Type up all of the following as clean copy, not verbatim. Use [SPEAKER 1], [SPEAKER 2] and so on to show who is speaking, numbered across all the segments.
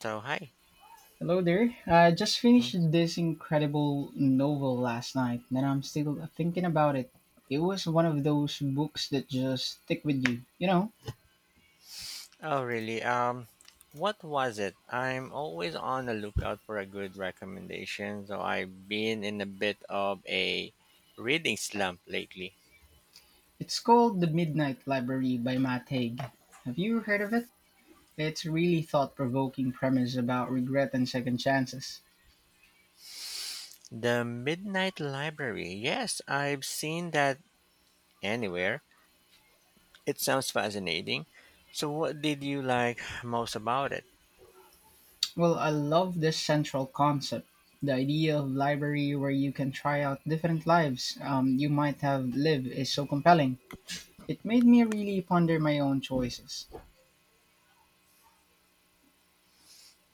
[SPEAKER 1] So hi.
[SPEAKER 2] Hello there. I just
[SPEAKER 1] Hmm.
[SPEAKER 2] finished this incredible novel last night, and I'm still thinking about it. It was one of those books that just stick with you.
[SPEAKER 1] Oh really? What was it? I'm always on the lookout for a good recommendation. So I've been in a bit of a reading slump lately.
[SPEAKER 2] It's called The Midnight Library by Matt Haig. Have you heard of it? It's really thought-provoking premise about regret and second chances.
[SPEAKER 1] The Midnight Library. Yes, I've seen that anywhere. It sounds fascinating. So what did you like most about it?
[SPEAKER 2] Well, I love this central concept, the idea of library where you can try out different lives you might have lived is so compelling. It made me really ponder my own choices.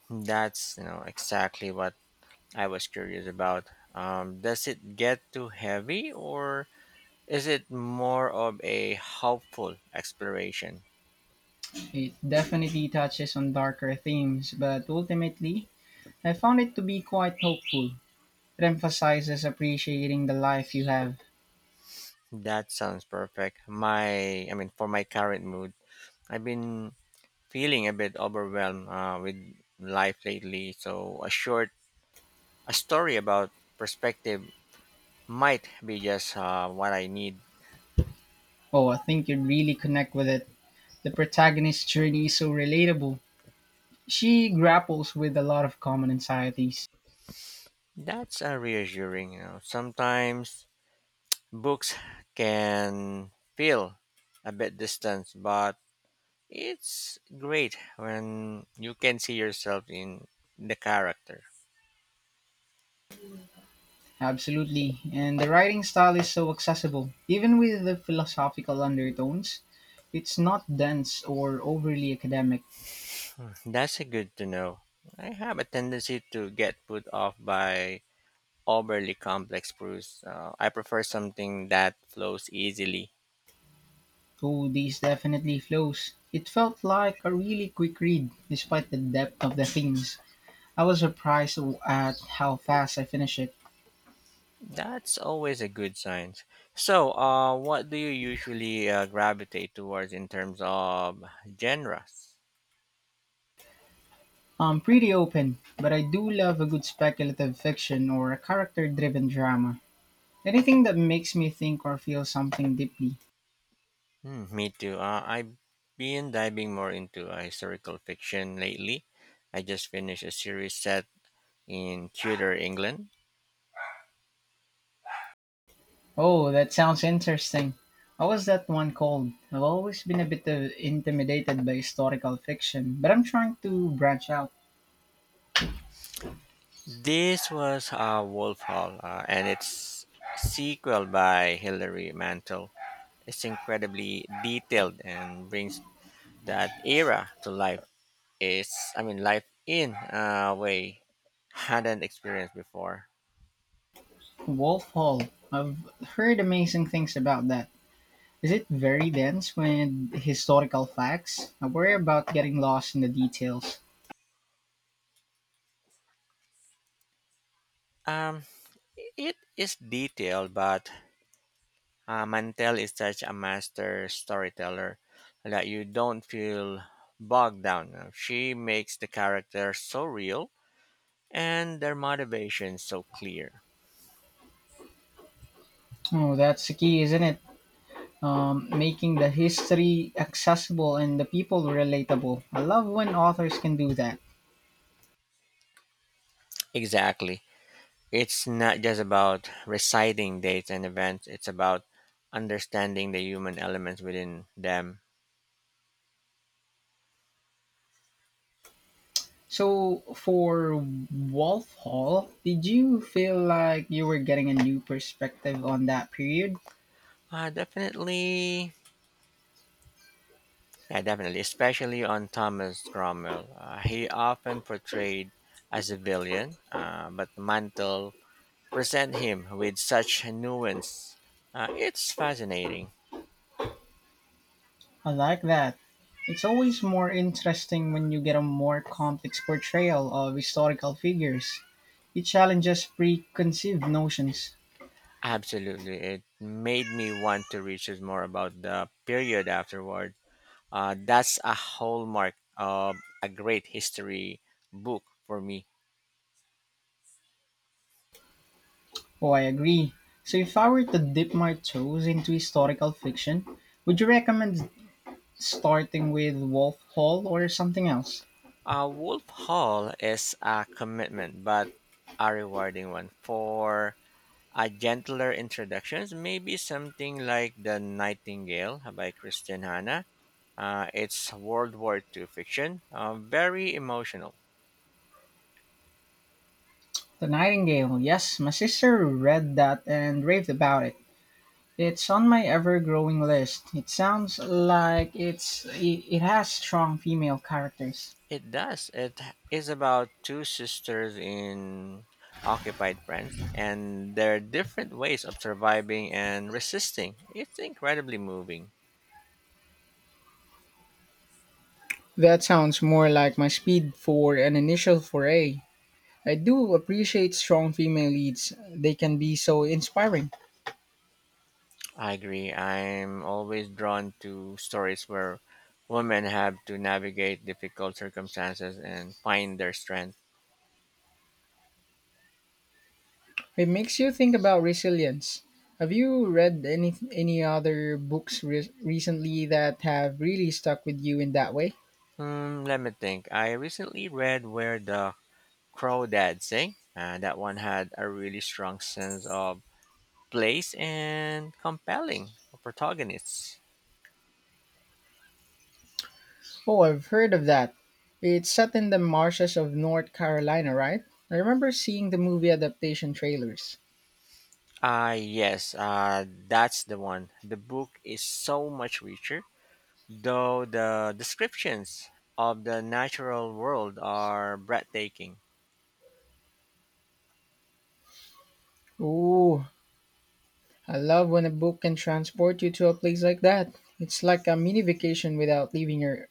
[SPEAKER 1] That's exactly what I was curious about. Does it get too heavy or is it more of a helpful exploration?
[SPEAKER 2] It definitely touches on darker themes, but ultimately, I found it to be quite hopeful. It emphasizes appreciating the life you have.
[SPEAKER 1] That sounds perfect. For my current mood, I've been feeling a bit overwhelmed with life lately. So a short, a story about perspective might be just what I need.
[SPEAKER 2] Oh, I think you'd really connect with it. The protagonist's journey is so relatable. She grapples with a lot of common anxieties.
[SPEAKER 1] That's reassuring. You know, sometimes books can feel a bit distant, but it's great when you can see yourself in the character.
[SPEAKER 2] Absolutely, and the writing style is so accessible. Even with the philosophical undertones, it's not dense or overly academic.
[SPEAKER 1] That's a good to know. I have a tendency to get put off by overly complex brews. I prefer something that flows easily.
[SPEAKER 2] Oh, this definitely flows. It felt like a really quick read, despite the depth of the themes. I was surprised at how fast I finished it.
[SPEAKER 1] That's always a good sign. So, what do you usually gravitate towards in terms of genres?
[SPEAKER 2] I'm pretty open, but I do love a good speculative fiction or a character driven drama. Anything that makes me think or feel something deeply.
[SPEAKER 1] Hmm, me too. I've been diving more into historical fiction lately. I just finished a series set in Tudor England.
[SPEAKER 2] Oh, that sounds interesting. How was that one called? I've always been a bit intimidated by historical fiction, but I'm trying to branch out.
[SPEAKER 1] This was Wolf Hall, and its sequel by Hilary Mantel. It's incredibly detailed and brings that era to life. Is I mean Life in a way hadn't experienced before.
[SPEAKER 2] Wolf Hall. I've heard amazing things about that. Is it very dense with historical facts? I worry about getting lost in the details.
[SPEAKER 1] Um, it is detailed, but Mantel is such a master storyteller that you don't feel bogged down. She makes the characters so real and their motivations so clear.
[SPEAKER 2] Oh, that's the key, isn't it? Making the history accessible and the people relatable. I love when authors can do that.
[SPEAKER 1] Exactly. It's not just about reciting dates and events, it's about understanding the human elements within them.
[SPEAKER 2] So, for Wolf Hall, did you feel like you were getting a new perspective on that period?
[SPEAKER 1] Definitely. Yeah, definitely. Especially on Thomas Cromwell. He often portrayed as a villain, but Mantle present him with such nuance. It's fascinating.
[SPEAKER 2] I like that. It's always more interesting when you get a more complex portrayal of historical figures. It challenges preconceived notions.
[SPEAKER 1] Absolutely. It made me want to research more about the period afterward. That's a hallmark of a great history book for me.
[SPEAKER 2] Oh, I agree. So, if I were to dip my toes into historical fiction, would you recommend starting with Wolf Hall or something else?
[SPEAKER 1] Wolf Hall is a commitment, but a rewarding one. For a gentler introductions, maybe something like The Nightingale by Christian Hanna. It's World War Two fiction, very emotional.
[SPEAKER 2] The Nightingale, yes, my sister read that and raved about it. It's on my ever growing list. It sounds like it has strong female characters.
[SPEAKER 1] It does. Is about two sisters in occupied France and their different ways of surviving and resisting. It's incredibly moving.
[SPEAKER 2] That sounds more like my speed for an initial foray. I do appreciate strong female leads. They can be so inspiring.
[SPEAKER 1] I agree. I'm always drawn to stories where women have to navigate difficult circumstances and find their strength.
[SPEAKER 2] It makes you think about resilience. Have you read any other books recently that have really stuck with you in that way?
[SPEAKER 1] Hmm, let me think. I recently read Where the Crawdads Sing. That one had a really strong sense of place and compelling protagonists.
[SPEAKER 2] Oh, I've heard of that. It's set in the marshes of North Carolina, right? I remember seeing the movie adaptation trailers.
[SPEAKER 1] Ah, yes, that's the one. The book is so much richer, though the descriptions of the natural world are breathtaking.
[SPEAKER 2] Ooh, I love when a book can transport you to a place like that. It's like a mini vacation without leaving your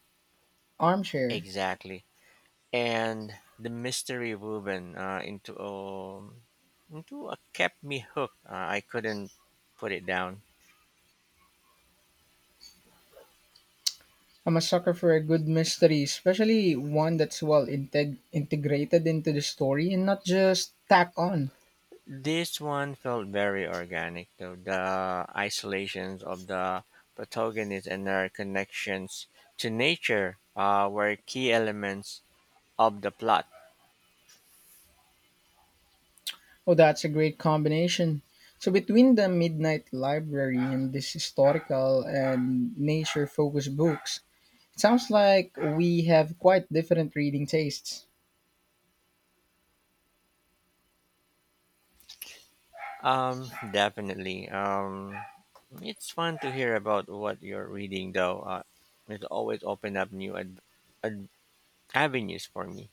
[SPEAKER 2] armchair.
[SPEAKER 1] Exactly. And the mystery woven into a kept me hooked. I couldn't put it down.
[SPEAKER 2] I'm a sucker for a good mystery, especially one that's well integrated into the story and not just tack on.
[SPEAKER 1] This one felt very organic, though. The isolations of the protagonist and their connections to nature were key elements of the plot.
[SPEAKER 2] Oh, that's a great combination. So between the Midnight Library and this historical and nature-focused books, it sounds like we have quite different reading tastes.
[SPEAKER 1] Definitely. It's fun to hear about what you're reading, though. It always open up new ad- avenues for me.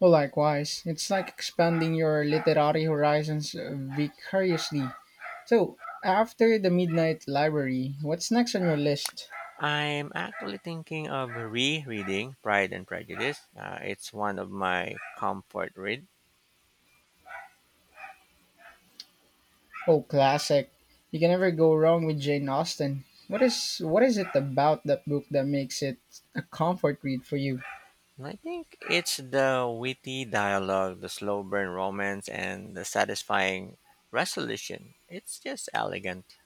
[SPEAKER 2] Well, likewise, it's like expanding your literary horizons vicariously. So, after the Midnight Library, what's next on your list?
[SPEAKER 1] I'm actually thinking of rereading Pride and Prejudice. It's one of my comfort read.
[SPEAKER 2] Oh, classic. You can never go wrong with Jane Austen. What is it about that book that makes it a comfort read for you?
[SPEAKER 1] And I think it's the witty dialogue, the slow burn romance, and the satisfying resolution. It's just elegant.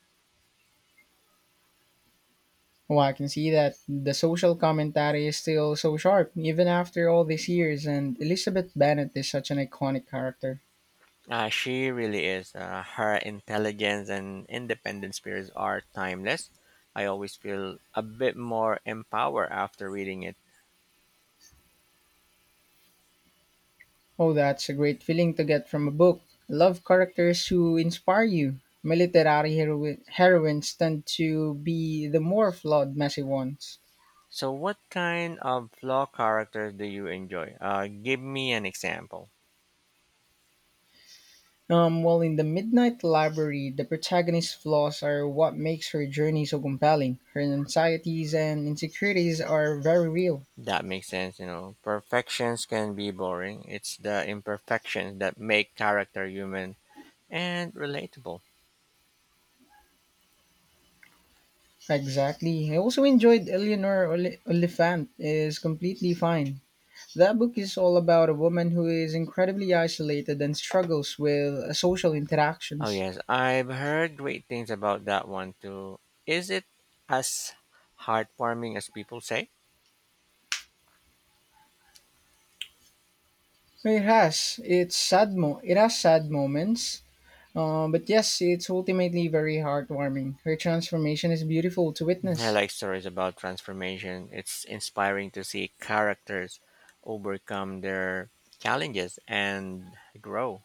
[SPEAKER 2] Oh, I can see that the social commentary is still so sharp, even after all these years, and Elizabeth Bennet is such an iconic character.
[SPEAKER 1] She really is. Her intelligence and independent spirits are timeless. I always feel a bit more empowered after reading it.
[SPEAKER 2] Oh, that's a great feeling to get from a book. I love characters who inspire you. My literary heroines tend to be the more flawed, messy ones.
[SPEAKER 1] So, what kind of flaw characters do you enjoy? Give me an example.
[SPEAKER 2] Well, in the Midnight Library, the protagonist's flaws are what makes her journey so compelling. Her anxieties and insecurities are very real.
[SPEAKER 1] That makes sense. You know, perfections can be boring. It's the imperfections that make character human and relatable.
[SPEAKER 2] Exactly. I also enjoyed Eleanor Oliphant is completely fine. That book is all about a woman who is incredibly isolated and struggles with social
[SPEAKER 1] Oh
[SPEAKER 2] interactions.
[SPEAKER 1] yes, I've heard great things about that one too. Is it as heartwarming as people say?
[SPEAKER 2] It has its sad moments, but yes, it's ultimately very heartwarming. Her transformation is beautiful to
[SPEAKER 1] I
[SPEAKER 2] witness.
[SPEAKER 1] like stories about transformation. It's inspiring to see characters overcome their challenges and grow.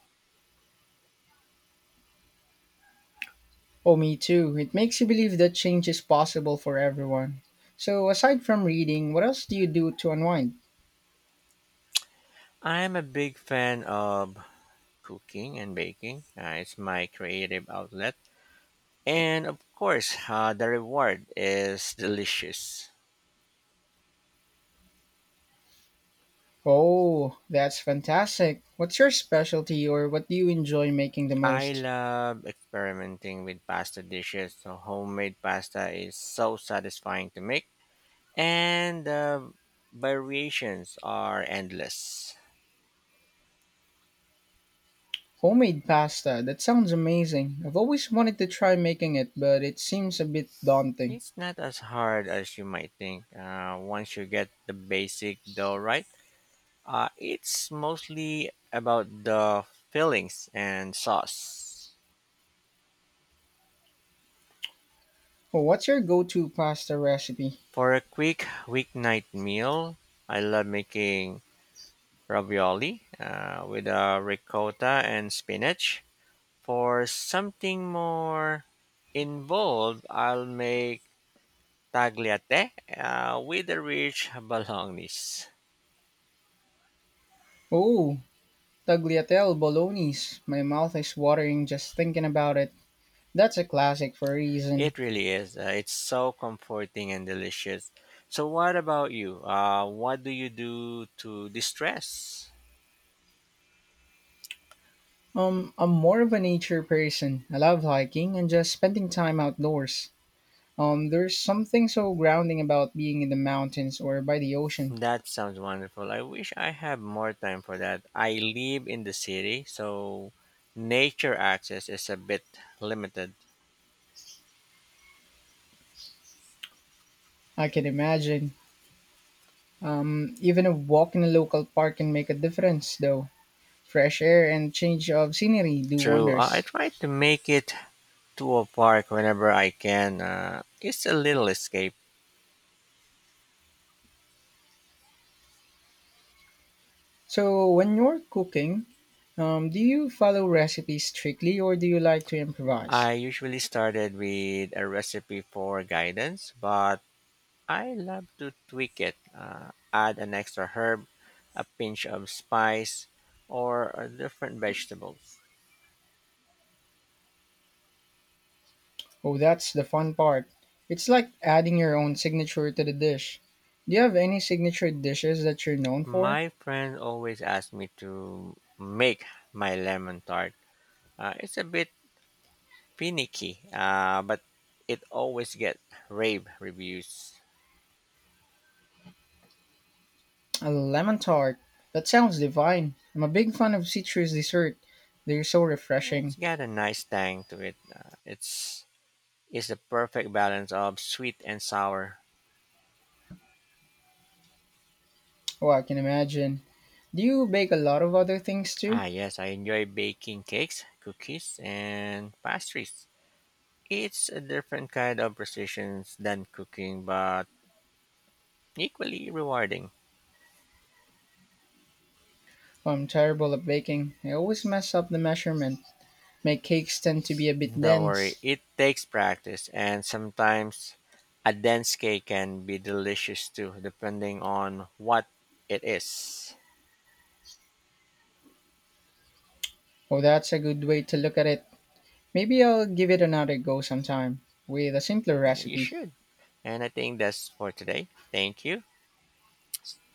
[SPEAKER 2] Oh, me too. It makes you believe that change is possible for everyone. So, aside from reading, what else do you do to unwind?
[SPEAKER 1] I'm a big fan of cooking and baking. It's my creative outlet. And of course, the reward is delicious.
[SPEAKER 2] Oh, that's fantastic. What's your specialty or what do you enjoy making the
[SPEAKER 1] I
[SPEAKER 2] most?
[SPEAKER 1] love experimenting with pasta dishes. So homemade pasta is so satisfying to make, and the variations are endless.
[SPEAKER 2] Homemade pasta. That sounds amazing. I've always wanted to try making it, but it seems a bit daunting.
[SPEAKER 1] It's not as hard as you might think. Once you get the basic dough right, it's mostly about the fillings and sauce.
[SPEAKER 2] Oh, what's your go to pasta recipe?
[SPEAKER 1] For a quick weeknight meal, I love making ravioli with ricotta and spinach. For something more involved, I'll make tagliatelle with a rich bolognese.
[SPEAKER 2] Oh, tagliatelle bolognese. My mouth is watering just thinking about it. That's a classic for a reason.
[SPEAKER 1] It really is. It's so comforting and delicious. So, what about you? What do you do to distress?
[SPEAKER 2] I'm more of a nature person. I love hiking and just spending time outdoors. There's something so grounding about being in the mountains or by the ocean.
[SPEAKER 1] That sounds wonderful. I wish I had more time for that. I live in the city, so nature access is a bit limited.
[SPEAKER 2] I can imagine. Even a walk in a local park can make a difference, though. Fresh air and change of scenery do
[SPEAKER 1] True. I
[SPEAKER 2] wonders.
[SPEAKER 1] try to make it to a park whenever I can. It's a little escape.
[SPEAKER 2] So, when you're cooking, do you follow recipes strictly or do you like to improvise?
[SPEAKER 1] I usually started with a recipe for guidance, but I love to tweak it, add an extra herb, a pinch of spice, or a different vegetables.
[SPEAKER 2] Oh, that's the fun part. It's like adding your own signature to the dish. Do you have any signature dishes that you're known for?
[SPEAKER 1] My friend always asks me to make my lemon tart. It's a bit finicky, but it always gets rave reviews.
[SPEAKER 2] A lemon tart. That sounds divine. I'm a big fan of citrus dessert. They're so refreshing.
[SPEAKER 1] It's got a nice tang to it. It's the perfect balance of sweet and sour.
[SPEAKER 2] Oh, I can imagine. Do you bake a lot of other things
[SPEAKER 1] Ah,
[SPEAKER 2] too?
[SPEAKER 1] yes, I enjoy baking cakes, cookies, and pastries. It's a different kind of precision than cooking, but equally rewarding.
[SPEAKER 2] Oh, I'm terrible at baking. I always mess up the measurement. My cakes tend to be a bit
[SPEAKER 1] Don't worry,
[SPEAKER 2] dense.
[SPEAKER 1] it takes practice, and sometimes a dense cake can be delicious too, depending on what it is.
[SPEAKER 2] Oh, that's a good way to look at it. Maybe I'll give it another go sometime with a simpler
[SPEAKER 1] You
[SPEAKER 2] recipe.
[SPEAKER 1] should. And I think that's for today. Thank you.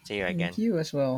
[SPEAKER 1] See you
[SPEAKER 2] Thank
[SPEAKER 1] again.
[SPEAKER 2] you as well.